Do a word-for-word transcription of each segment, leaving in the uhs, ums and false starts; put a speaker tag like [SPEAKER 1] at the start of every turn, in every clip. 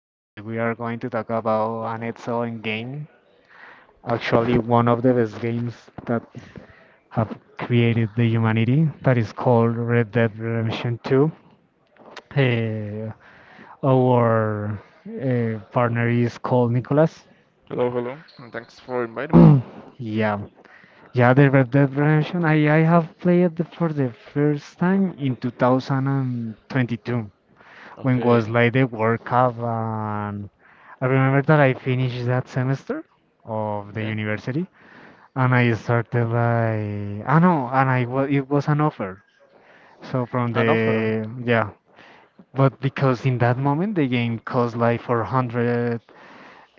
[SPEAKER 1] Today we are going to talk about an excellent game, actually
[SPEAKER 2] Yeah.
[SPEAKER 1] one of the best games that have created the humanity, that is called Red Dead Redemption two. Uh, our uh, partner is called Nicholas.
[SPEAKER 2] Hello, hello. And thanks for inviting me.
[SPEAKER 1] Yeah, yeah, the Red Dead Redemption. I, I have played it for the first time in two thousand twenty-two when was
[SPEAKER 2] Okay,
[SPEAKER 1] like the World Cup, and I remember that I finished that semester of the
[SPEAKER 2] okay.
[SPEAKER 1] university and I started like ah no, and I was it was an offer. So from
[SPEAKER 2] An offer.
[SPEAKER 1] the yeah, but because in that moment the game cost like four hundred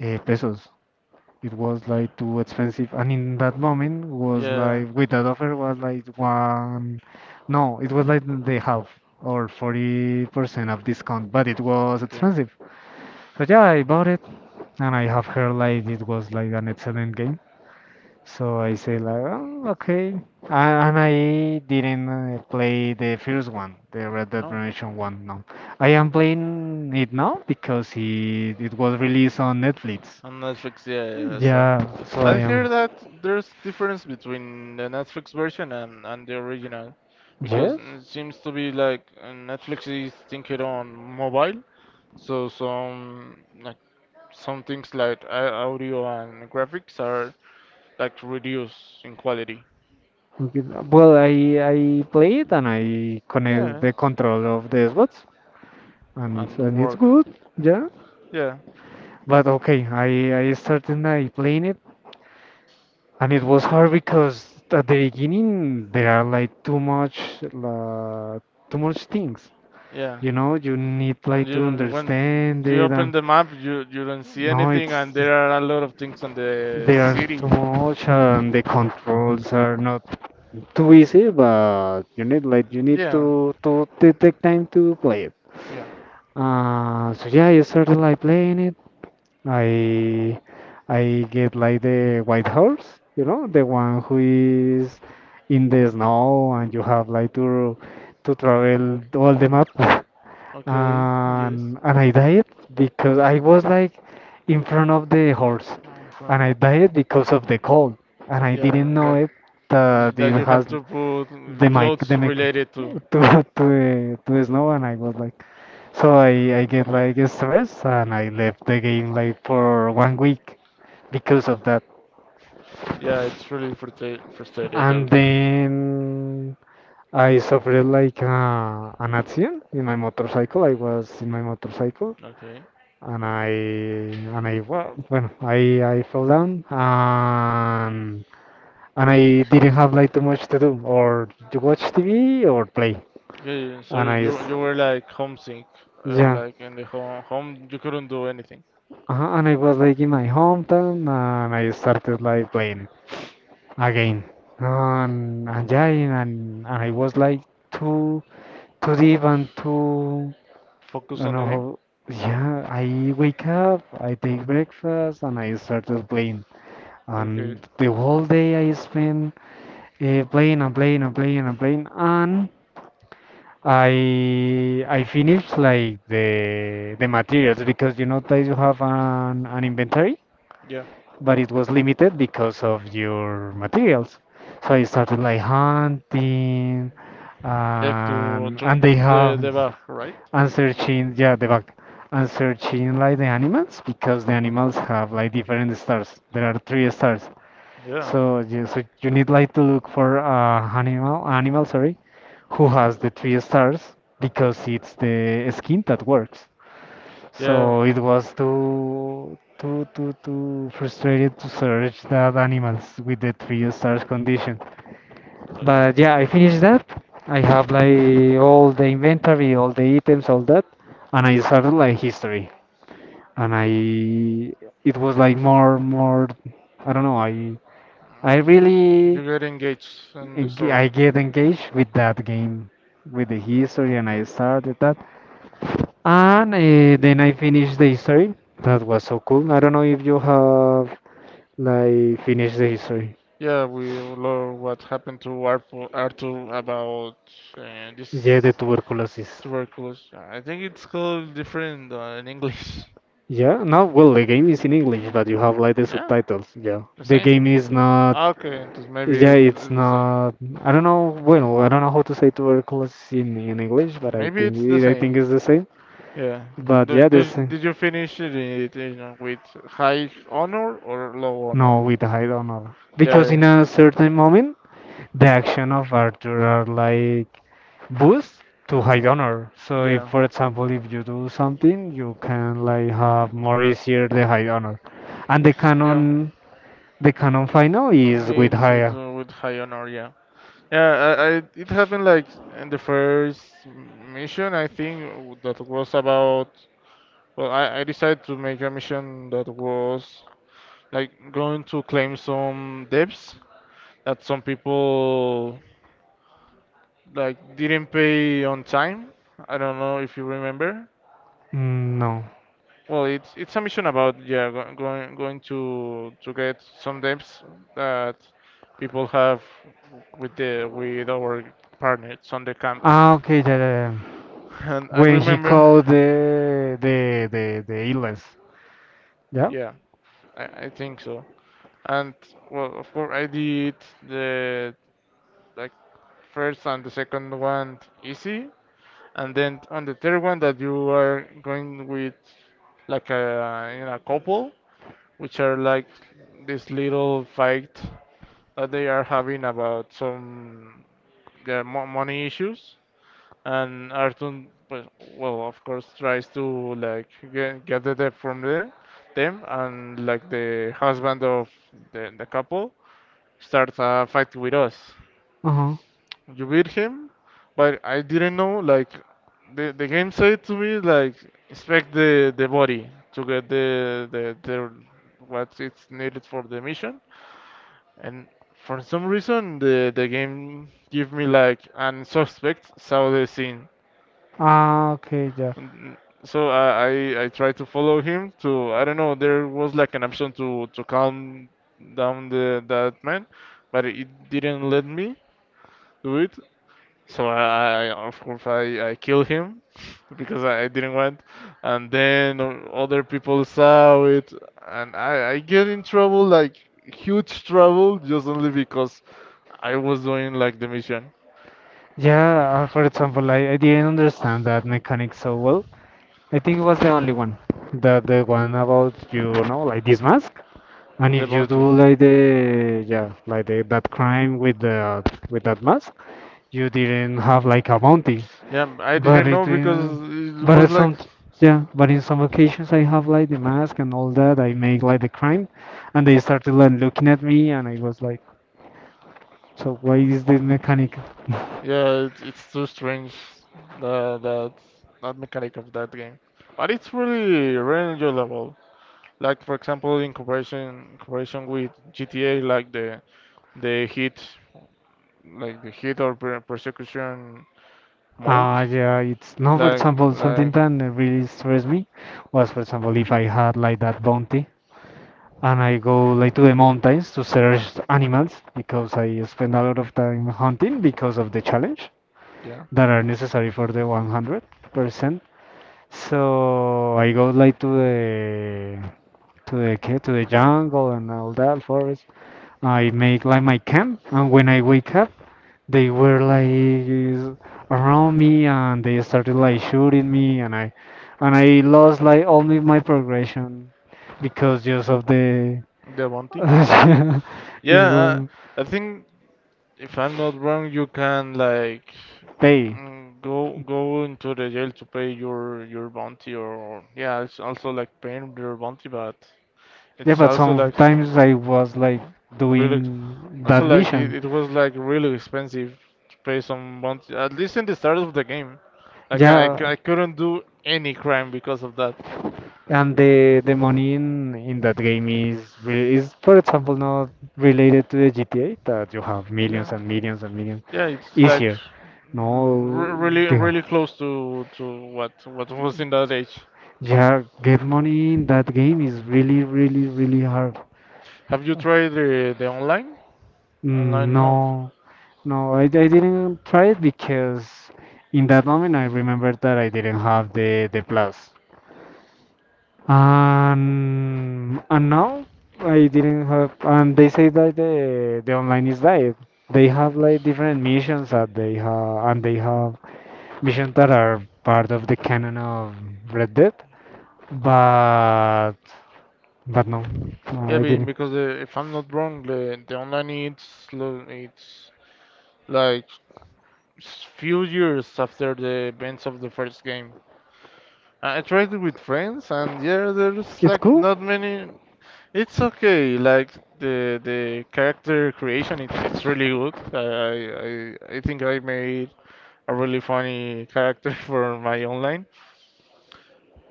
[SPEAKER 1] uh, pesos. It was
[SPEAKER 2] Yeah,
[SPEAKER 1] like too expensive, and in that moment was
[SPEAKER 2] yeah.
[SPEAKER 1] like with that offer was like one no, it was like the half or forty percent of discount, but it was
[SPEAKER 2] Okay.
[SPEAKER 1] expensive. So yeah, I bought it, and I have heard like it was like an excellent game. So I say like, oh, okay, and, and I didn't uh, play the first one, the Red Dead
[SPEAKER 2] No,
[SPEAKER 1] Redemption one. No, I am playing it now because it it was released on Netflix.
[SPEAKER 2] on Netflix, yeah, yeah. It's, uh,
[SPEAKER 1] Yeah, so I
[SPEAKER 2] I've
[SPEAKER 1] am.
[SPEAKER 2] heard that there's difference between the Netflix version and, and the original, because
[SPEAKER 1] Yes.
[SPEAKER 2] it seems to be like uh, Netflix is thinking on mobile, so some like some things like au- audio and graphics are like reduced in quality.
[SPEAKER 1] we can- Well, I I play it and I connect
[SPEAKER 2] Yeah.
[SPEAKER 1] the control of the Xbox, and it's
[SPEAKER 2] And the
[SPEAKER 1] and it's
[SPEAKER 2] work.
[SPEAKER 1] good. Yeah.
[SPEAKER 2] Yeah.
[SPEAKER 1] But okay, I I started I playing it. And it was hard because at the beginning there are like too much uh, too much things.
[SPEAKER 2] Yeah,
[SPEAKER 1] You know, you need
[SPEAKER 2] When
[SPEAKER 1] like to
[SPEAKER 2] you when
[SPEAKER 1] understand
[SPEAKER 2] you
[SPEAKER 1] it,
[SPEAKER 2] open
[SPEAKER 1] and
[SPEAKER 2] the map, you you don't see
[SPEAKER 1] no,
[SPEAKER 2] anything,
[SPEAKER 1] it's
[SPEAKER 2] and there are a lot of things on the
[SPEAKER 1] there are too
[SPEAKER 2] city.
[SPEAKER 1] much, and the controls are not too easy, but you need like you need
[SPEAKER 2] Yeah,
[SPEAKER 1] to to, to take time to play it.
[SPEAKER 2] yeah.
[SPEAKER 1] Uh, so yeah, I started like playing it. I I get like the white horse, you know, the one who is in the snow and you have like to to travel all the map.
[SPEAKER 2] Okay, yes.
[SPEAKER 1] And and I died because I was like in front of the horse,
[SPEAKER 2] Um,
[SPEAKER 1] and
[SPEAKER 2] fine.
[SPEAKER 1] I died because of the cold and I
[SPEAKER 2] Yeah,
[SPEAKER 1] didn't know
[SPEAKER 2] like
[SPEAKER 1] it
[SPEAKER 2] th-
[SPEAKER 1] that
[SPEAKER 2] that
[SPEAKER 1] it
[SPEAKER 2] you have
[SPEAKER 1] has
[SPEAKER 2] to
[SPEAKER 1] the
[SPEAKER 2] put
[SPEAKER 1] mic the
[SPEAKER 2] clothes
[SPEAKER 1] mic
[SPEAKER 2] related to.
[SPEAKER 1] to to the, to the snow and I was like so I, I get
[SPEAKER 2] Um, yeah,
[SPEAKER 1] like stressed and I left the game like for one week because of that.
[SPEAKER 2] yeah. It's really frustrate frustrated.
[SPEAKER 1] And
[SPEAKER 2] Also.
[SPEAKER 1] then I suffered like uh, an accident in my motorcycle. I was in my motorcycle
[SPEAKER 2] Okay.
[SPEAKER 1] and I and I well, bueno, I I fell down and and I didn't have like too much to do or to watch T V or play.
[SPEAKER 2] Yeah, yeah. So
[SPEAKER 1] And I
[SPEAKER 2] you
[SPEAKER 1] s-
[SPEAKER 2] you were like homesick, uh,
[SPEAKER 1] yeah,
[SPEAKER 2] like in the home home you couldn't do anything.
[SPEAKER 1] uh and I was like in my hometown and I started like playing again and, and yeah and, and I was like too too deep and too I
[SPEAKER 2] Focus
[SPEAKER 1] don't
[SPEAKER 2] on the
[SPEAKER 1] know how.
[SPEAKER 2] game.
[SPEAKER 1] Yeah, I wake up, I take breakfast, and I started playing,
[SPEAKER 2] Okay.
[SPEAKER 1] and the whole day I spent uh, playing and playing and playing and playing, and I I finished like the the materials because you know that you have an an inventory,
[SPEAKER 2] Yeah.
[SPEAKER 1] but it was limited because of your materials. So I started like hunting,
[SPEAKER 2] Yeah.
[SPEAKER 1] um,
[SPEAKER 2] To to
[SPEAKER 1] and they
[SPEAKER 2] improve the
[SPEAKER 1] have
[SPEAKER 2] the bug, right?
[SPEAKER 1] and searching, yeah, the back and searching like the animals because the animals have like different stars. There are three stars.
[SPEAKER 2] Yeah.
[SPEAKER 1] So you, so you need like to look for uh, animal animal sorry, who has the three stars because it's the skin that works.
[SPEAKER 2] Yeah,
[SPEAKER 1] So it was too too too too frustrated to search that animals with the three stars condition.
[SPEAKER 2] okay.
[SPEAKER 1] But yeah, I finished that. I have like all the inventory, all the items, all that, and I started like history. And I It was like more more I don't know, I I
[SPEAKER 2] Um,
[SPEAKER 1] really
[SPEAKER 2] you get engaged in the
[SPEAKER 1] eng-
[SPEAKER 2] story.
[SPEAKER 1] I get engaged with that game with the history and I started that. And uh, then I finished the history. That was so cool. I don't know if you have like finished the history.
[SPEAKER 2] Yeah, we love what happened to Arthur, Arthur about uh,
[SPEAKER 1] Yeah, the
[SPEAKER 2] this
[SPEAKER 1] tuberculosis.
[SPEAKER 2] tuberculosis. I think it's called different uh, in English.
[SPEAKER 1] Yeah, no, well, the game is in English, but you have like the
[SPEAKER 2] Yeah,
[SPEAKER 1] subtitles. Yeah,
[SPEAKER 2] the
[SPEAKER 1] the game
[SPEAKER 2] same.
[SPEAKER 1] is not.
[SPEAKER 2] Ah, Okay, and this maybe
[SPEAKER 1] Yeah,
[SPEAKER 2] it's,
[SPEAKER 1] it's
[SPEAKER 2] it's the
[SPEAKER 1] not.
[SPEAKER 2] same.
[SPEAKER 1] I don't know. Well, I don't know how to say tuberculosis in, in English, but I
[SPEAKER 2] Maybe
[SPEAKER 1] think
[SPEAKER 2] it's the
[SPEAKER 1] I think
[SPEAKER 2] same.
[SPEAKER 1] it's the same.
[SPEAKER 2] Yeah.
[SPEAKER 1] But
[SPEAKER 2] Do,
[SPEAKER 1] yeah, the
[SPEAKER 2] do,
[SPEAKER 1] same.
[SPEAKER 2] did you finish it it, you know, with high honor or low
[SPEAKER 1] No,
[SPEAKER 2] honor?
[SPEAKER 1] with hide honor. Because
[SPEAKER 2] Yeah,
[SPEAKER 1] in a certain moment, the action of Arthur are like boost to high honor. So if,
[SPEAKER 2] yeah,
[SPEAKER 1] for example, if you do something, you can like have more easier the high honor, and the
[SPEAKER 2] yeah.
[SPEAKER 1] canon, the canon final is with
[SPEAKER 2] It's it's
[SPEAKER 1] higher.
[SPEAKER 2] uh, with high honor. Yeah. Yeah, I, I, it happened like in the first m- mission, I think, w- that was about. Well, I, I decided to make a mission that was like going to claim some debts that some people like didn't pay on time. I don't know if you remember.
[SPEAKER 1] Mm, no.
[SPEAKER 2] Well, it's it's a mission about yeah go, going going to to get some debts that people have with the with our partners on the camp.
[SPEAKER 1] Ah, okay. The, the
[SPEAKER 2] And I
[SPEAKER 1] When he
[SPEAKER 2] remember.
[SPEAKER 1] called the the the the illness. Yeah.
[SPEAKER 2] Yeah, I, I think so. And well, of course, I did the like first and the second one easy, and then on the third one that you are going with like a in a couple, which are like this little fight that they are having about some, yeah, mo money issues, and Artun, pues- well, of course, tries to like get, get the debt from them, them, and like the husband of the, the couple starts a fight with us.
[SPEAKER 1] Uh-huh.
[SPEAKER 2] You beat him, but I didn't know. Like the the game said to me, like inspect the the body to get the the, the what it's needed for the mission, and for some reason the the game give me like an suspect saw the scene.
[SPEAKER 1] Ah, okay. Yeah.
[SPEAKER 2] Mm, So I, I I tried to follow him to I don't know there was like an option to to calm down the that man, but it didn't let me do it. So I, I of course I I killed him because I, I didn't want, and then o- other people saw it, and I I get in trouble like huge trouble just only because I was doing like the mission,
[SPEAKER 1] Yeah. uh, For example, I I didn't understand that mechanic so well. I think it was the only one. The the one about you know like this mask. And
[SPEAKER 2] the
[SPEAKER 1] if you do
[SPEAKER 2] bounty.
[SPEAKER 1] like the yeah like the, that crime with the with that mask, you didn't have like a bounty.
[SPEAKER 2] Yeah, I
[SPEAKER 1] But
[SPEAKER 2] didn't
[SPEAKER 1] it
[SPEAKER 2] know
[SPEAKER 1] uh,
[SPEAKER 2] because it
[SPEAKER 1] but
[SPEAKER 2] was
[SPEAKER 1] at
[SPEAKER 2] like.
[SPEAKER 1] some yeah but in some occasions I have like the mask and all that. I make like the crime, and they started like looking at me, and I was like, so why is this mechanic?
[SPEAKER 2] Yeah, it, it's too strange that that that mechanic of that game, but it's really really enjoyable. Like for example, in comparison in comparison with G T A, like the the hit like the hit or per- persecution mode,
[SPEAKER 1] Ah yeah, it's no. For
[SPEAKER 2] like
[SPEAKER 1] example, something
[SPEAKER 2] like
[SPEAKER 1] that really stressed me was for example if I had like that bounty and I go like to the mountains to search animals because I spend a lot of time hunting because of the challenge
[SPEAKER 2] yeah,
[SPEAKER 1] that are necessary for the one hundred percent. So I go like to the to the ca- to the jungle and all that forest. I make like my camp, and when I wake up, they were like around me and they started like shooting me, and I and I lost like only my progression because just of the
[SPEAKER 2] the bounty.
[SPEAKER 1] yeah,
[SPEAKER 2] Yeah,
[SPEAKER 1] it
[SPEAKER 2] uh,
[SPEAKER 1] will
[SPEAKER 2] I think if I'm not wrong, you can like
[SPEAKER 1] pay.
[SPEAKER 2] mm, go go into the jail to pay your your bounty or, or yeah, it's also like paying your bounty, but.
[SPEAKER 1] Yeah,
[SPEAKER 2] It's
[SPEAKER 1] but
[SPEAKER 2] also like
[SPEAKER 1] sometimes I was like
[SPEAKER 2] really
[SPEAKER 1] doing
[SPEAKER 2] also
[SPEAKER 1] that
[SPEAKER 2] like it,
[SPEAKER 1] mission.
[SPEAKER 2] it was like really expensive to pay some months at least in the start of the game. Like I, c-
[SPEAKER 1] Yeah,
[SPEAKER 2] I couldn't do any crime because of that.
[SPEAKER 1] and the the money in in that game is re- is for example not related to the G T A that you have
[SPEAKER 2] Yeah.
[SPEAKER 1] millions and millions and millions
[SPEAKER 2] Yeah, it's like
[SPEAKER 1] easier.
[SPEAKER 2] r-
[SPEAKER 1] No,
[SPEAKER 2] really
[SPEAKER 1] the-
[SPEAKER 2] really close to to what what was in that age.
[SPEAKER 1] Yeah, get money in that game is really really really hard.
[SPEAKER 2] Have you tried the the online online mode?
[SPEAKER 1] No. No, I, I didn't try it because in that moment I remembered that I didn't have the the plus. And and now I didn't have and they say that the the online is died. They have like different missions that they have, and they have missions that are part of the canon of Red Dead. But but No, no
[SPEAKER 2] Yeah,
[SPEAKER 1] I
[SPEAKER 2] be-
[SPEAKER 1] didn't.
[SPEAKER 2] because the, if I'm not wrong, the the online it's lo- it's like s- few years after the events of the first game. I tried it with friends, and yeah, there's
[SPEAKER 1] It's
[SPEAKER 2] like
[SPEAKER 1] cool.
[SPEAKER 2] not many. It's okay. Like the the character creation, it's it's really good. I I I I think I made a really funny character for my online.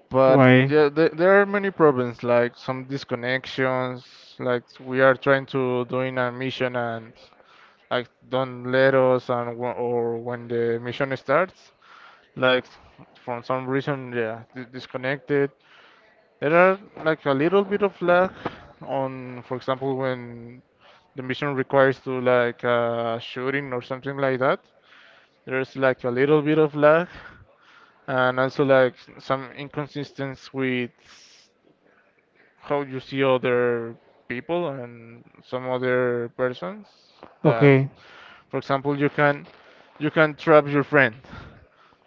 [SPEAKER 2] But
[SPEAKER 1] Why?
[SPEAKER 2] yeah, there, there are many problems, like some disconnections. Like we are trying to doing a mission and like don't let us, and wh- or when the mission starts, like from some reason, yeah, di- disconnected. There are like a little bit of lag on, for example, when the mission requires to like uh, shooting or something like that. There's like a little bit of lag, and also like some inconsistency with how you see other people and some other persons. That,
[SPEAKER 1] Okay.
[SPEAKER 2] for example, you can you can trap your friend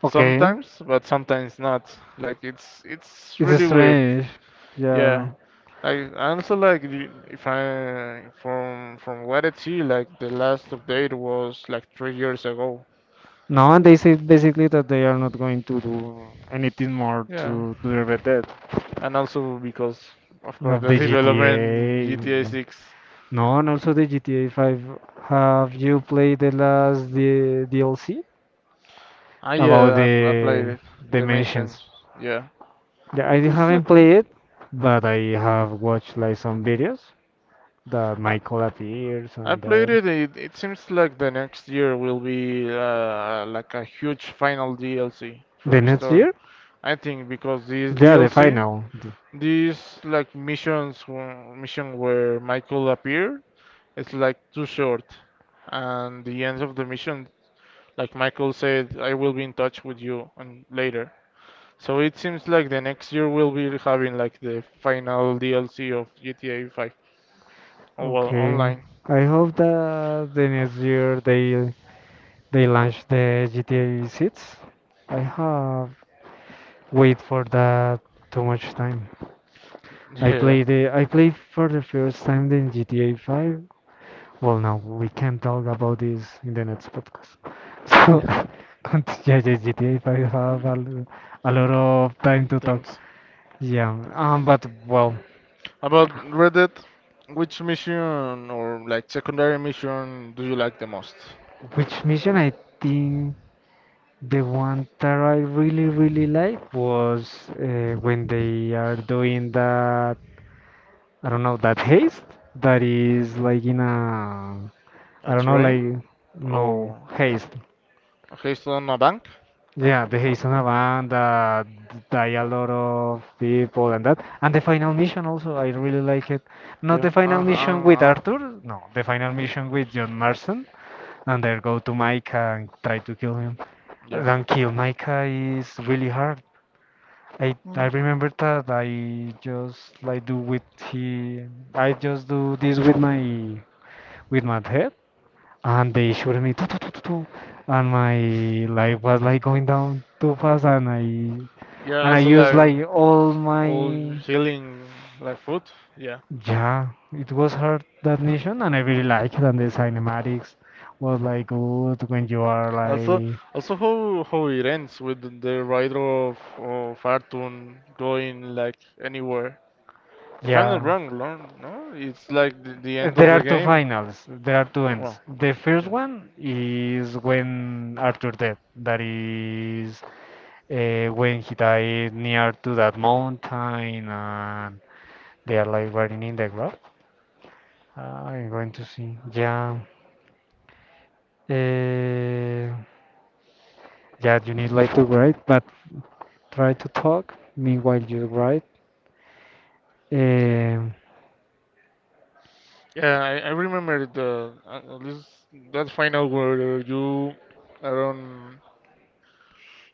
[SPEAKER 1] Okay.
[SPEAKER 2] sometimes, but sometimes not. Like it's it's
[SPEAKER 1] It's
[SPEAKER 2] really weird.
[SPEAKER 1] strange. Yeah.
[SPEAKER 2] Yeah. Like I also like the- if I from from what I see, like the last update was like three years ago.
[SPEAKER 1] No, and they say basically that they are not going to do anything more
[SPEAKER 2] Yeah,
[SPEAKER 1] to to the Red Dead
[SPEAKER 2] and also because of course
[SPEAKER 1] of
[SPEAKER 2] the
[SPEAKER 1] the G T A.
[SPEAKER 2] development G T A six.
[SPEAKER 1] No, and also the G T A five. Have you played the last D DLC?
[SPEAKER 2] Ah
[SPEAKER 1] About
[SPEAKER 2] yeah, I, I played
[SPEAKER 1] the
[SPEAKER 2] it.
[SPEAKER 1] dimensions.
[SPEAKER 2] Dimensions. Yeah,
[SPEAKER 1] Yeah,
[SPEAKER 2] it
[SPEAKER 1] I
[SPEAKER 2] is
[SPEAKER 1] haven't played
[SPEAKER 2] okay.
[SPEAKER 1] it, but I have watched like some videos that
[SPEAKER 2] I,
[SPEAKER 1] Michael appears
[SPEAKER 2] I
[SPEAKER 1] and
[SPEAKER 2] played
[SPEAKER 1] that.
[SPEAKER 2] it. It it seems like the next year will be uh, like a huge final D L C
[SPEAKER 1] The
[SPEAKER 2] from the
[SPEAKER 1] next
[SPEAKER 2] store.
[SPEAKER 1] year?
[SPEAKER 2] I think because this
[SPEAKER 1] Yeah, the
[SPEAKER 2] D L C.
[SPEAKER 1] final. Th-
[SPEAKER 2] These like missions, wh- mission where Michael appeared, it's like too short, and the end of the mission, like Michael said, I will be in touch with you on later. So it seems like the next year we'll be having like the final D L C of G T A five. Oh, well,
[SPEAKER 1] Okay.
[SPEAKER 2] online.
[SPEAKER 1] I hope that the next year they they launch the G T A six. I have wait for that too much time. I
[SPEAKER 2] Yeah.
[SPEAKER 1] played the I played for the first time the G T A five. Well, no, we can talk about this in the next podcast. So,
[SPEAKER 2] Yeah.
[SPEAKER 1] cont- yeah, yeah, G T A five have a, lo- a lot of time to talk.
[SPEAKER 2] Thanks.
[SPEAKER 1] Yeah, um, but well,
[SPEAKER 2] About Red Dead, which mission or like secondary mission do you like the most?
[SPEAKER 1] which mission I think the one that I really, really like was uh, when they are doing that, I don't know, that haste that is like in a,
[SPEAKER 2] A
[SPEAKER 1] I don't know,
[SPEAKER 2] train
[SPEAKER 1] like, no,
[SPEAKER 2] or
[SPEAKER 1] haste.
[SPEAKER 2] a heist on a bank?
[SPEAKER 1] Yeah, the Hazel Band, uh, die a lot of people and that. And the final mission also, I really like it. Not
[SPEAKER 2] Yeah,
[SPEAKER 1] the final
[SPEAKER 2] uh,
[SPEAKER 1] mission
[SPEAKER 2] uh,
[SPEAKER 1] with
[SPEAKER 2] uh,
[SPEAKER 1] Arthur, no, the final mission with John Marston, and they go to Micah and try to kill him.
[SPEAKER 2] yeah,
[SPEAKER 1] And kill Micah is really hard. I I remember that I just like do with he, I just do this with my with my head, and they shoot me, tu- tu- tu- tu- tu, and my life was like going down too fast, and I and
[SPEAKER 2] yeah.
[SPEAKER 1] I
[SPEAKER 2] Also
[SPEAKER 1] used
[SPEAKER 2] like
[SPEAKER 1] like all
[SPEAKER 2] all
[SPEAKER 1] my
[SPEAKER 2] healing like food. Yeah.
[SPEAKER 1] yeah. It was hard that mission, and I really liked it. And the cinematics was like good when you are
[SPEAKER 2] Also,
[SPEAKER 1] like
[SPEAKER 2] also how how it ends with the the rider of of Artun going like anywhere. If I'm not
[SPEAKER 1] yeah.
[SPEAKER 2] wrong, no, no, it's like the, the
[SPEAKER 1] Uh,
[SPEAKER 2] end of
[SPEAKER 1] There
[SPEAKER 2] the
[SPEAKER 1] are two
[SPEAKER 2] game.
[SPEAKER 1] finals. There are two
[SPEAKER 2] Well,
[SPEAKER 1] ends. The first
[SPEAKER 2] yeah.
[SPEAKER 1] one is when Arthur dead. That is uh, when he died near to that mountain, and they are like riding in the grave. I'm going to see. Yeah. Uh, Yeah, you need like to write, but try to talk meanwhile you write.
[SPEAKER 2] Okay.
[SPEAKER 1] Um,
[SPEAKER 2] Yeah, I, I remember the uh, at least that final where you I don't.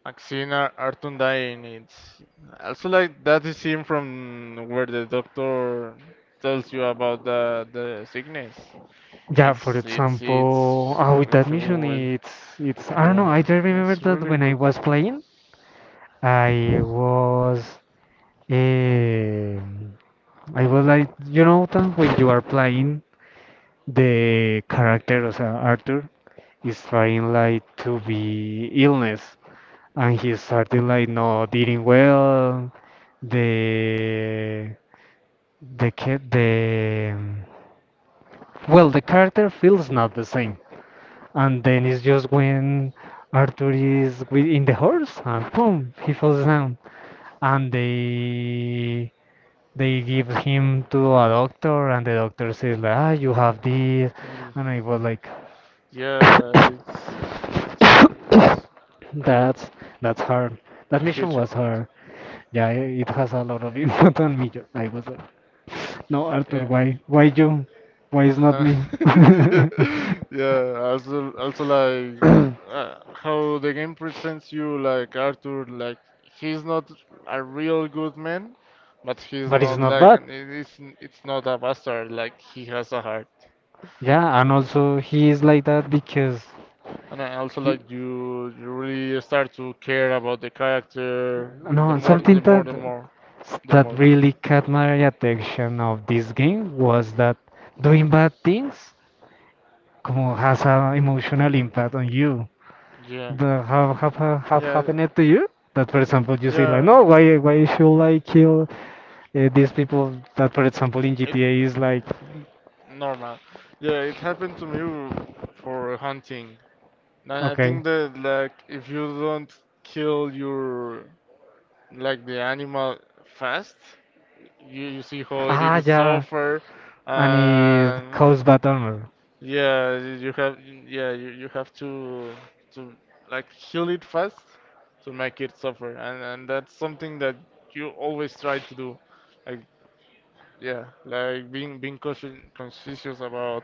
[SPEAKER 2] Maxine Ar- Artun dying. It's also like that is scene from where the doctor tells you about the the sickness.
[SPEAKER 1] yeah, for
[SPEAKER 2] It's it's
[SPEAKER 1] example,
[SPEAKER 2] it's
[SPEAKER 1] oh, with that
[SPEAKER 2] it's
[SPEAKER 1] mission,
[SPEAKER 2] well,
[SPEAKER 1] it's it's I don't know.
[SPEAKER 2] yeah.
[SPEAKER 1] I just remember
[SPEAKER 2] It's
[SPEAKER 1] that
[SPEAKER 2] really
[SPEAKER 1] when
[SPEAKER 2] good.
[SPEAKER 1] I was playing, I was um, I was like you know that when you are playing, the character of Arthur is trying like to be illness, and he started like not eating well. The the ca- the, well, the character feels not the same. And then it's just when arthur is with, in the horse and boom he falls down, and they they give him to a doctor, and the doctor says like, ah you have this.
[SPEAKER 2] Mm,
[SPEAKER 1] And I was like,
[SPEAKER 2] yeah, it's it's, it's a,
[SPEAKER 1] that's that's hard. That
[SPEAKER 2] a
[SPEAKER 1] mission
[SPEAKER 2] huge
[SPEAKER 1] was
[SPEAKER 2] impact.
[SPEAKER 1] hard. Yeah, it has a lot of input on me. I was like, no, Arthur,
[SPEAKER 2] Yeah.
[SPEAKER 1] why? Why you? Why is not
[SPEAKER 2] Uh,
[SPEAKER 1] me?
[SPEAKER 2] yeah,
[SPEAKER 1] But
[SPEAKER 2] yeah, also, also like uh, how the game presents you, like Arthur, like he's not a real good man, but he's
[SPEAKER 1] it's
[SPEAKER 2] not
[SPEAKER 1] not
[SPEAKER 2] like
[SPEAKER 1] bad.
[SPEAKER 2] an- it is it's not a bastard. Like he has a heart,
[SPEAKER 1] Yeah, and also he is like that because
[SPEAKER 2] and I also
[SPEAKER 1] he
[SPEAKER 2] like you, you really start to care about the character. The
[SPEAKER 1] no,
[SPEAKER 2] more,
[SPEAKER 1] something
[SPEAKER 2] the more,
[SPEAKER 1] that
[SPEAKER 2] the more, the
[SPEAKER 1] that
[SPEAKER 2] more.
[SPEAKER 1] really caught my attention of this game was that doing bad things como has an emotional impact on you.
[SPEAKER 2] Yeah,
[SPEAKER 1] The have have have have
[SPEAKER 2] yeah,
[SPEAKER 1] happened it to you? That, for example, you say like,
[SPEAKER 2] yeah.
[SPEAKER 1] no, why why should I kill, uh, these people? That, for example, in
[SPEAKER 2] It
[SPEAKER 1] G T A is like.
[SPEAKER 2] normal. Yeah, it happened to me for hunting. I I
[SPEAKER 1] Okay.
[SPEAKER 2] think that like if you don't kill your like the animal fast, you, you see how it
[SPEAKER 1] Ah,
[SPEAKER 2] is
[SPEAKER 1] yeah.
[SPEAKER 2] suffer,
[SPEAKER 1] And it
[SPEAKER 2] and
[SPEAKER 1] caused bad armor.
[SPEAKER 2] yeah, you you have yeah you, you have to to like kill it fast to make it suffer, and and that's something that you always try to do, like yeah, like being being conscious conscious about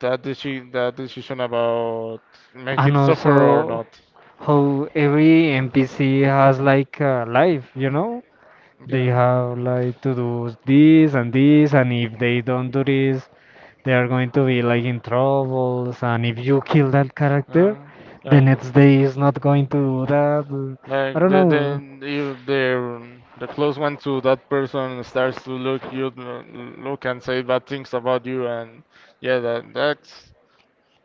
[SPEAKER 2] that decision that decision about make
[SPEAKER 1] And
[SPEAKER 2] it suffer or
[SPEAKER 1] also
[SPEAKER 2] not.
[SPEAKER 1] how every N P C has like a life, you know? They
[SPEAKER 2] Yeah.
[SPEAKER 1] have like to do this and this, and if they don't do this, they are going to be like in troubles. And if you kill that character,
[SPEAKER 2] Uh,
[SPEAKER 1] the
[SPEAKER 2] like
[SPEAKER 1] next day is not going to do that. I
[SPEAKER 2] like
[SPEAKER 1] don't
[SPEAKER 2] the the
[SPEAKER 1] know.
[SPEAKER 2] if the the close one to that person starts to look you look and say bad things about you and yeah that that's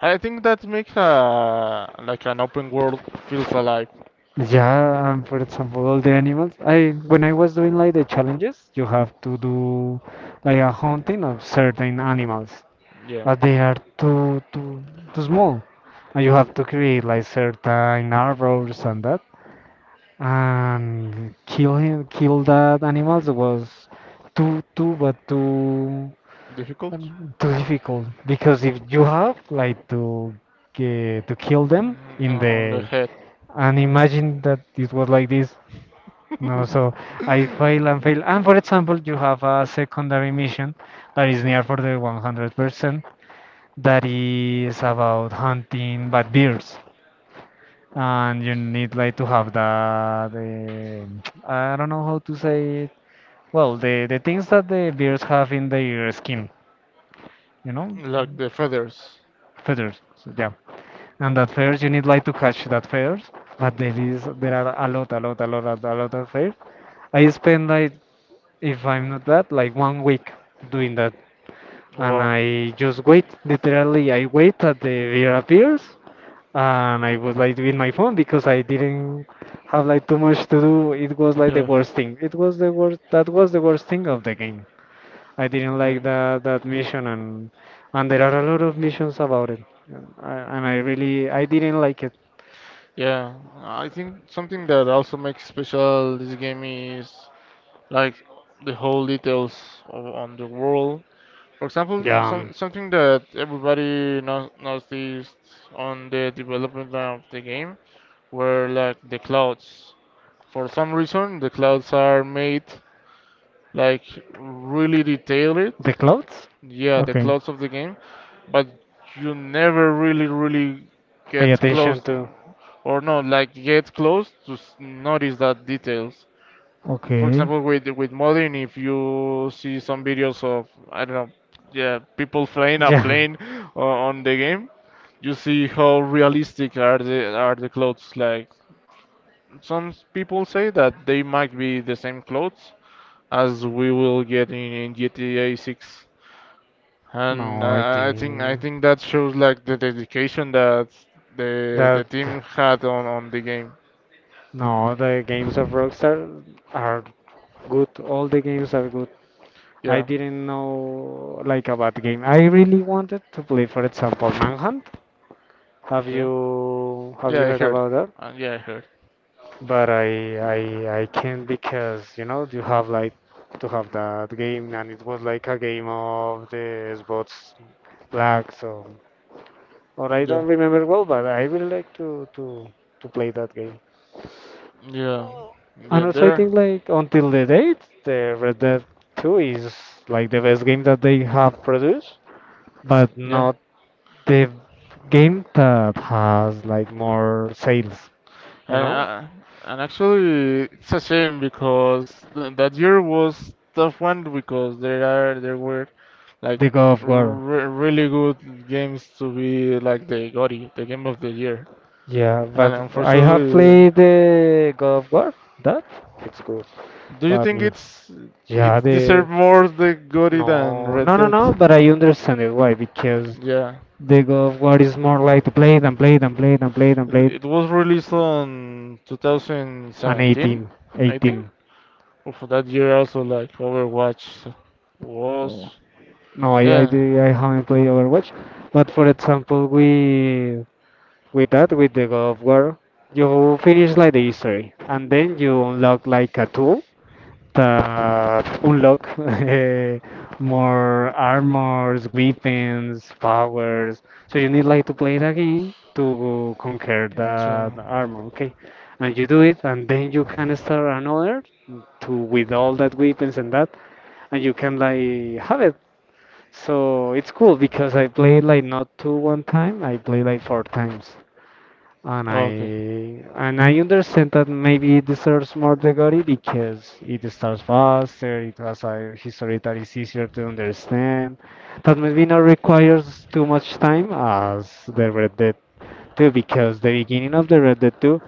[SPEAKER 2] I think that makes a like an open world feels alive.
[SPEAKER 1] Yeah, and for example, all the animals. I When I was doing like the challenges, you have to do like a hunting of certain animals,
[SPEAKER 2] Yeah,
[SPEAKER 1] but they are too too too small, and you have to create like certain arbors and that, and kill him, kill that animals was too too but too
[SPEAKER 2] difficult.
[SPEAKER 1] um, too difficult, because if you have like to, uh, to kill them
[SPEAKER 2] Mm,
[SPEAKER 1] in
[SPEAKER 2] on the
[SPEAKER 1] the
[SPEAKER 2] head
[SPEAKER 1] and imagine that it was like this. No, so I fail and fail. And for example, you have a secondary mission that is near for the one hundred percent that is about hunting bad bears. And you need like to have the um I don't know how to say it. Well, the, the things that the bears have in their skin, you know,
[SPEAKER 2] like the feathers.
[SPEAKER 1] feathers. So, yeah. And that feathers, you need like to catch that feathers. But there is, there are a lot, a lot, a lot, a lot of feathers. I spend like, if I'm not bad, like one week doing that. And
[SPEAKER 2] Wow.
[SPEAKER 1] I just wait, literally, I wait that the beer appears. And I was like with my phone because I didn't have like too much to do. It was like the
[SPEAKER 2] Yeah.
[SPEAKER 1] worst thing. It was the worst, that was the worst thing of the game. I didn't like
[SPEAKER 2] Okay.
[SPEAKER 1] that that mission, and and there are a lot of missions about it. And I, and I really, I didn't like it.
[SPEAKER 2] Yeah, I think something that also makes special this game is like the whole details o- on the world. For example,
[SPEAKER 1] Yeah,
[SPEAKER 2] some,
[SPEAKER 1] um,
[SPEAKER 2] something that everybody no- noticed on the development of the game were like the clouds. For some reason, the clouds are made like really detailed.
[SPEAKER 1] the clothes.
[SPEAKER 2] Yeah, the
[SPEAKER 1] Okay.
[SPEAKER 2] clouds of the game, but you never really, really
[SPEAKER 1] Pay
[SPEAKER 2] get
[SPEAKER 1] attention
[SPEAKER 2] close,
[SPEAKER 1] to.
[SPEAKER 2] or no, like get close to s- notice that details, for
[SPEAKER 1] Okay.
[SPEAKER 2] example, with with modding, if you see some videos of I don't know, yeah, people flying a
[SPEAKER 1] Yeah.
[SPEAKER 2] plane o- on the game, you see how realistic are the are the clothes, like some people say that they might be the same clothes as we will get in, in gta six, and
[SPEAKER 1] No, I
[SPEAKER 2] I, I I think i
[SPEAKER 1] think
[SPEAKER 2] think that shows like the dedication that the the
[SPEAKER 1] that,
[SPEAKER 2] team had on on the game.
[SPEAKER 1] no, the games of Rockstar are good. All the games are good. I
[SPEAKER 2] Yeah,
[SPEAKER 1] didn't know like a bad game. I really wanted to play, for example, Manhunt. Have
[SPEAKER 2] okay,
[SPEAKER 1] you have
[SPEAKER 2] yeah,
[SPEAKER 1] you
[SPEAKER 2] I
[SPEAKER 1] heard
[SPEAKER 2] heard,
[SPEAKER 1] about that?
[SPEAKER 2] uh, yeah, I heard.
[SPEAKER 1] But I I I can't, because you know you have like to have that game, and it was like a game of the Xbox Black, so, or I don't remember well, but I really like to to to play that game.
[SPEAKER 2] Yeah,
[SPEAKER 1] And
[SPEAKER 2] they're
[SPEAKER 1] also I
[SPEAKER 2] there.
[SPEAKER 1] think like, until the date, the Red Dead two is like the best game that they have produced, but
[SPEAKER 2] Yeah,
[SPEAKER 1] not the game that has like more sales,
[SPEAKER 2] and
[SPEAKER 1] you know,
[SPEAKER 2] uh, and actually, it's a shame because th that year was tough one because there are there were like
[SPEAKER 1] the God of War.
[SPEAKER 2] re really good games to be like the GOTY, the game of the year.
[SPEAKER 1] Yeah,
[SPEAKER 2] And
[SPEAKER 1] but I have
[SPEAKER 2] unfortunately,
[SPEAKER 1] played the God of War. That, it's good,
[SPEAKER 2] do you
[SPEAKER 1] but
[SPEAKER 2] think
[SPEAKER 1] mm,
[SPEAKER 2] it's it
[SPEAKER 1] yeah, the
[SPEAKER 2] deserved more the GOTY than
[SPEAKER 1] no,
[SPEAKER 2] Red
[SPEAKER 1] no, no,
[SPEAKER 2] Dead?
[SPEAKER 1] no. But I understand it why, because
[SPEAKER 2] Yeah,
[SPEAKER 1] the God of War is more like to play it and play it and play it and play it and play
[SPEAKER 2] it,
[SPEAKER 1] it.
[SPEAKER 2] it was released on
[SPEAKER 1] And
[SPEAKER 2] two thousand seventeen,
[SPEAKER 1] eighteen,
[SPEAKER 2] I think.
[SPEAKER 1] eighteen.
[SPEAKER 2] Well, for that year also like Overwatch
[SPEAKER 1] Oh.
[SPEAKER 2] was,
[SPEAKER 1] No, I I,
[SPEAKER 2] yeah.
[SPEAKER 1] di- I haven't played Overwatch, but for example, we with that with the God of War, you finish like the history, and then you unlock like a tool that unlock eh, more armors, weapons, powers. So you need like to play the game to conquer
[SPEAKER 2] So
[SPEAKER 1] that armor, okay? And you do it, and then you can start another, to with all that weapons and that, and you can like have it. So it's cool because I played like not two one time, I played like four times, and I
[SPEAKER 2] okay.
[SPEAKER 1] and I understand that maybe it deserves more degree because it starts faster, it has a history that is easier to understand, that maybe not requires too much time as the Red Dead two, because the beginning of the Red Dead two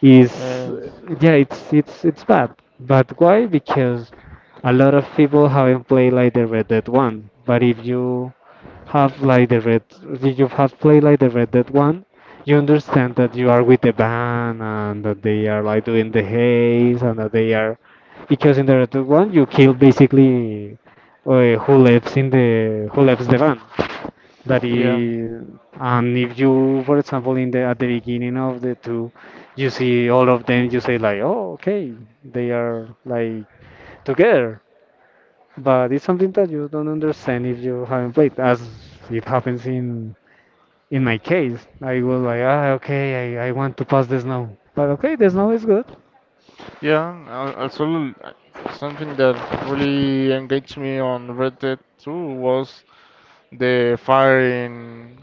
[SPEAKER 1] is,
[SPEAKER 2] Yeah.
[SPEAKER 1] yeah, it's it's it's bad. But why? Because a lot of people haven't played like the Red Dead one. But if you have like the red if you have played like the Red Dead one, you understand that you are with the band and that they are like doing the haze and that they are, because in the Red Dead one you kill basically, uh, who lives in the who lives the van. That
[SPEAKER 2] Yeah.
[SPEAKER 1] is. And if you, for example, in the at the beginning of the two, you see all of them, you say like, oh, okay, they are like together. But it's something that you don't understand if you haven't played, as it happens in in my case. I was like, ah, okay, I, I want to pass the snow. But okay, the snow is good.
[SPEAKER 2] Yeah. al- Also uh, something that really engaged me on Red Dead two was the firing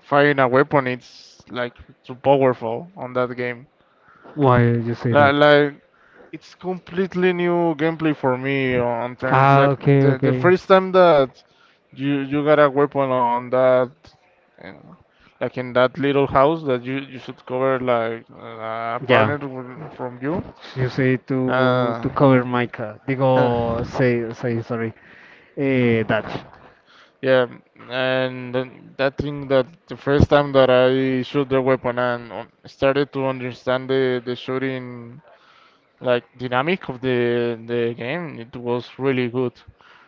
[SPEAKER 2] firing a weapon. It's like too powerful on that game.
[SPEAKER 1] Why you say
[SPEAKER 2] Like,
[SPEAKER 1] that?
[SPEAKER 2] like it's completely new gameplay for me on terms
[SPEAKER 1] Ah,
[SPEAKER 2] like
[SPEAKER 1] okay,
[SPEAKER 2] the the
[SPEAKER 1] okay.
[SPEAKER 2] first time that you you got a weapon on that uh, like in that little house that you you should cover like uh, a
[SPEAKER 1] Yeah,
[SPEAKER 2] partner w- from you.
[SPEAKER 1] you say to
[SPEAKER 2] Uh,
[SPEAKER 1] to cover my car. They
[SPEAKER 2] uh,
[SPEAKER 1] go say say sorry, eh, Dutch.
[SPEAKER 2] yeah, yeah, and then that thing that the first time that I shoot the weapon and um, started to understand the the shooting like dynamic of the the game it was really good.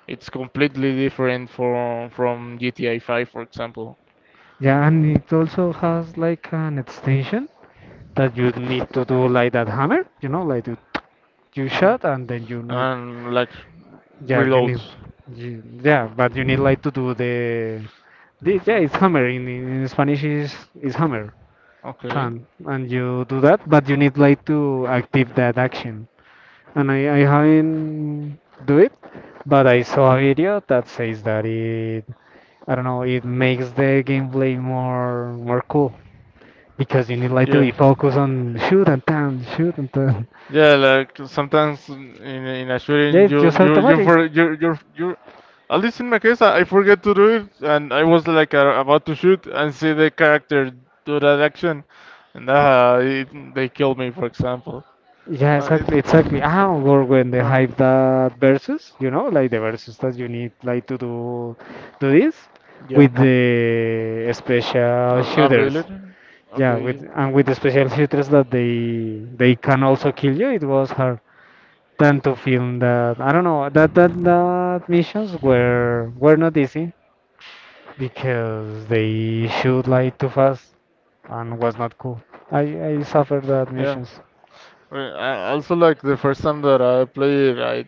[SPEAKER 2] It's completely different from from gta five for example.
[SPEAKER 1] Yeah, and it also has like an extension that you need to do like that hammer. You know, like you, you
[SPEAKER 2] Mhm.
[SPEAKER 1] shot and then, you know.
[SPEAKER 2] And like
[SPEAKER 1] Yeah, you
[SPEAKER 2] reload.
[SPEAKER 1] need, you, yeah, but you need like to do the This, Yeah,
[SPEAKER 2] Mhm.
[SPEAKER 1] it's hammer. In, in Spanish is is hammer,
[SPEAKER 2] Okay,
[SPEAKER 1] pan, and you do that, but you need like to active that action. And I, I haven't do it, but I saw a video that says that it, I don't know, it makes the gameplay more more cool, because you need like to be
[SPEAKER 2] yeah,
[SPEAKER 1] focused on shoot and tan, shoot and tan.
[SPEAKER 2] yeah, like sometimes in, in a
[SPEAKER 1] Yeah,
[SPEAKER 2] shooting
[SPEAKER 1] it's
[SPEAKER 2] you
[SPEAKER 1] just
[SPEAKER 2] you you
[SPEAKER 1] automatic.
[SPEAKER 2] for you you you at least in my case I, I forget to do it and I was like uh, about to shoot and see the character do that action and uh, it, they killed me for example.
[SPEAKER 1] Yeah,
[SPEAKER 2] Uh, it,
[SPEAKER 1] exactly, exactly. Ah, or when they
[SPEAKER 2] huh.
[SPEAKER 1] hype that versus, you know, like the versus that you need like to do do this
[SPEAKER 2] Yeah,
[SPEAKER 1] with the special
[SPEAKER 2] I, I
[SPEAKER 1] shooters.
[SPEAKER 2] really.
[SPEAKER 1] Yeah, with
[SPEAKER 2] Okay.
[SPEAKER 1] and with the special shooters that they they can also kill you. It was hard than to film that. I don't know that that that missions were were not easy, because they shoot like too fast and was not cool. I I suffered that
[SPEAKER 2] Yeah,
[SPEAKER 1] missions.
[SPEAKER 2] well, I also like the first time that I played, it,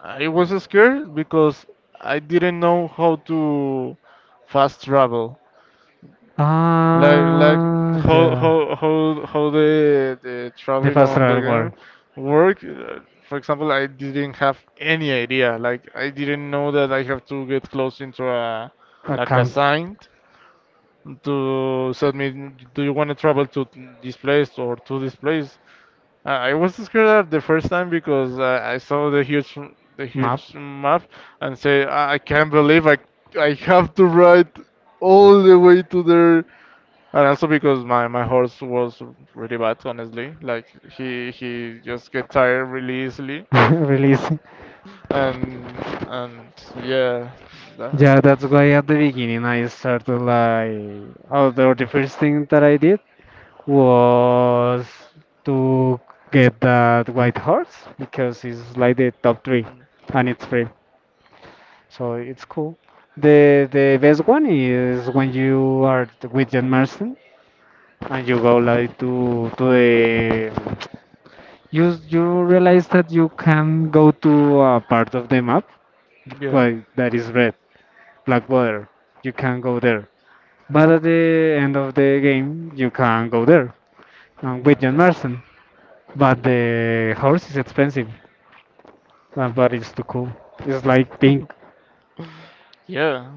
[SPEAKER 2] I I was scared because I didn't know how to fast travel, like like
[SPEAKER 1] Ah,
[SPEAKER 2] how
[SPEAKER 1] yeah.
[SPEAKER 2] how how how the the
[SPEAKER 1] The
[SPEAKER 2] traveling
[SPEAKER 1] first
[SPEAKER 2] on the
[SPEAKER 1] real world
[SPEAKER 2] game work. Uh, For example, I didn't have any idea. Like I didn't know that I have to get close into a like a
[SPEAKER 1] account
[SPEAKER 2] sign to so me? Do you want to travel to this place or to this place? I I was scared up the first time because I, I saw the huge the
[SPEAKER 1] map
[SPEAKER 2] huge map and say I I can't believe I I have to ride all the way to there. And also because my, my horse was really bad, honestly. Like he he just get tired really easily. Uh,
[SPEAKER 1] release.
[SPEAKER 2] and and yeah, that
[SPEAKER 1] Yeah, that's why at the beginning I started like, although the first thing that I did was to get that white horse, because it's like the top three and it's free, so it's cool. The the best one is when you are t- with John Marston, and you go like, to to the you you realize that you can go to a part of the map
[SPEAKER 2] yeah,
[SPEAKER 1] like that is red, black water. You can't go there. But at the end of the game, you can go there, um, with John
[SPEAKER 2] okay,
[SPEAKER 1] Marston. But the horse is expensive, uh, but it's too cool. It's like pink.
[SPEAKER 2] yeah.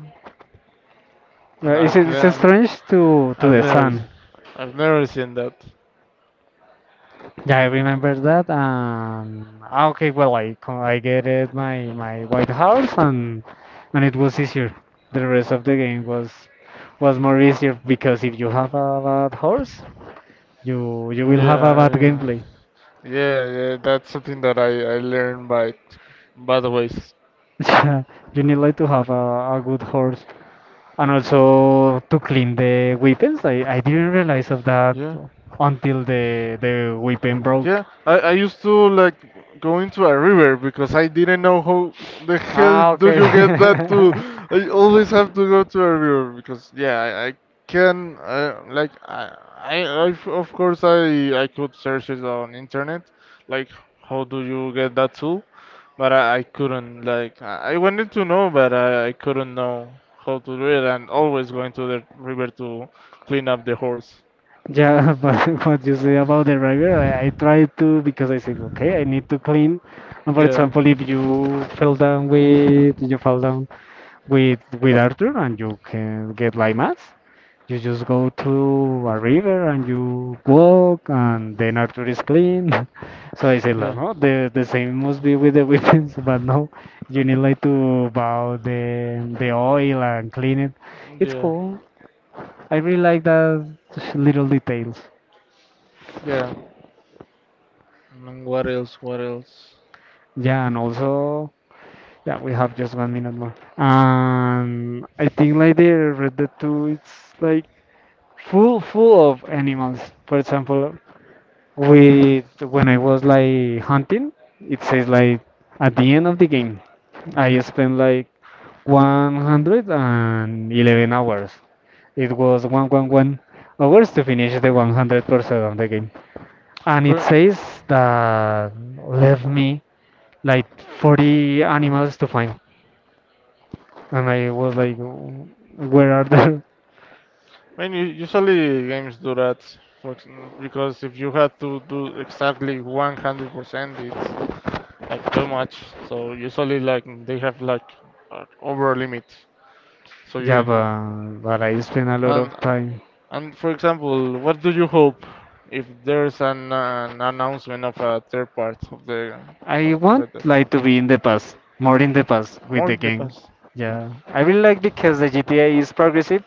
[SPEAKER 1] Uh,
[SPEAKER 2] I,
[SPEAKER 1] it's, it's
[SPEAKER 2] yeah.
[SPEAKER 1] strange to to
[SPEAKER 2] I've
[SPEAKER 1] the
[SPEAKER 2] never,
[SPEAKER 1] sun.
[SPEAKER 2] i I've never seen that.
[SPEAKER 1] Yeah, I remember that. And ah, okay, well, I co- I get it my my white horse, and and it was easier. The rest of the game was was more easier, because if you have a bad horse, you you
[SPEAKER 2] Yeah,
[SPEAKER 1] will have a bad
[SPEAKER 2] yeah,
[SPEAKER 1] gameplay.
[SPEAKER 2] yeah, yeah, that's something that I I learned by bad ways.
[SPEAKER 1] You need like to have a, a good horse, and also to clean the weapons. I, I didn't realize of that
[SPEAKER 2] Yeah,
[SPEAKER 1] until the the weapon broke.
[SPEAKER 2] yeah. I I used to like go into a river because I didn't know how the hell
[SPEAKER 1] Ah,
[SPEAKER 2] do
[SPEAKER 1] okay.
[SPEAKER 2] you get that to. I always have to go to a river because yeah, I, I can I, like I, I I of course I I could search it on internet like how do you get that tool. But I, I couldn't like I I wanted to know, but I, I couldn't know how to do it, and always going to the river to clean up the horse.
[SPEAKER 1] Yeah, but what you say about the river, I, I try, to because I said, okay, I need to clean. And for
[SPEAKER 2] Yeah,
[SPEAKER 1] example, if you fell down with, you fall down with with Arthur, and you can get like mass. You just go to a river and you walk, and then Arthur is clean. So I said, "La,
[SPEAKER 2] yeah,
[SPEAKER 1] no, the the same must be with the weapons, but no, you need like to bow the the oil and clean it. It's
[SPEAKER 2] yeah,
[SPEAKER 1] cool. I really like that little details.
[SPEAKER 2] yeah. And what else? What else?
[SPEAKER 1] Yeah, and also, yeah, we have just one minute more. Um, I think like the Red Dead two, it's like full full of animals. For example, with when I was like hunting, it says like, at the end of the game, I spent like one hundred eleven hours. It was one hundred eleven hours to finish the
[SPEAKER 2] Okay.
[SPEAKER 1] one hundred percent of the game. And it
[SPEAKER 2] For
[SPEAKER 1] says that left me like forty animals to find. And I was like, where are they?
[SPEAKER 2] when you usually games do that, for, ex- because if you had to do exactly one hundred percent, it's like too much. So usually like they have like a over limit. So you
[SPEAKER 1] Yeah,
[SPEAKER 2] you-
[SPEAKER 1] but, but I spent a lot
[SPEAKER 2] and
[SPEAKER 1] of time.
[SPEAKER 2] And for example, what do you hope if there's an, uh, an announcement of a third part of the
[SPEAKER 1] I
[SPEAKER 2] of
[SPEAKER 1] want
[SPEAKER 2] Red Dead?
[SPEAKER 1] like to be in the past, more in the past with
[SPEAKER 2] More
[SPEAKER 1] the
[SPEAKER 2] in the
[SPEAKER 1] game.
[SPEAKER 2] past.
[SPEAKER 1] Yeah, I really like, because the G T A is progressive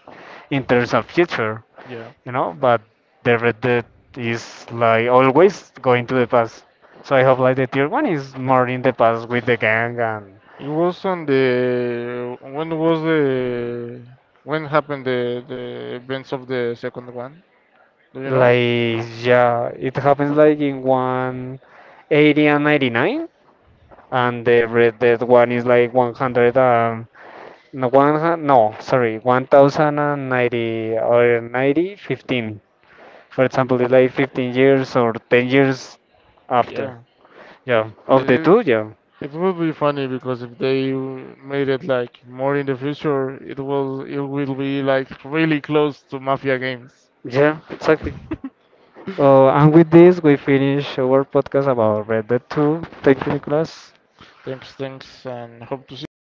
[SPEAKER 1] in terms of future,
[SPEAKER 2] Yeah.
[SPEAKER 1] you know, but the Red Dead is like always going to the past. So I hope like the tier one is more in the past with the gang and
[SPEAKER 2] It was on the when was the when happened the the events of the second one? Do you know?
[SPEAKER 1] like, yeah, it happens like in one eighty and ninety nine, and the Red Dead one is like one hundred. No, one, hun- no, sorry, one thousand ninety or ninety fifteen. For example, it's like fifteen years or ten years after.
[SPEAKER 2] Yeah.
[SPEAKER 1] Yeah, of
[SPEAKER 2] It
[SPEAKER 1] the
[SPEAKER 2] it,
[SPEAKER 1] two, yeah.
[SPEAKER 2] it would be funny because if they made it like more in the future, it will it will be like really close to Mafia games.
[SPEAKER 1] Yeah, exactly. Uh, and with this, we finish our podcast about Red Dead two. Thank you, Nicholas.
[SPEAKER 2] Thanks, thanks, and hope to see you again.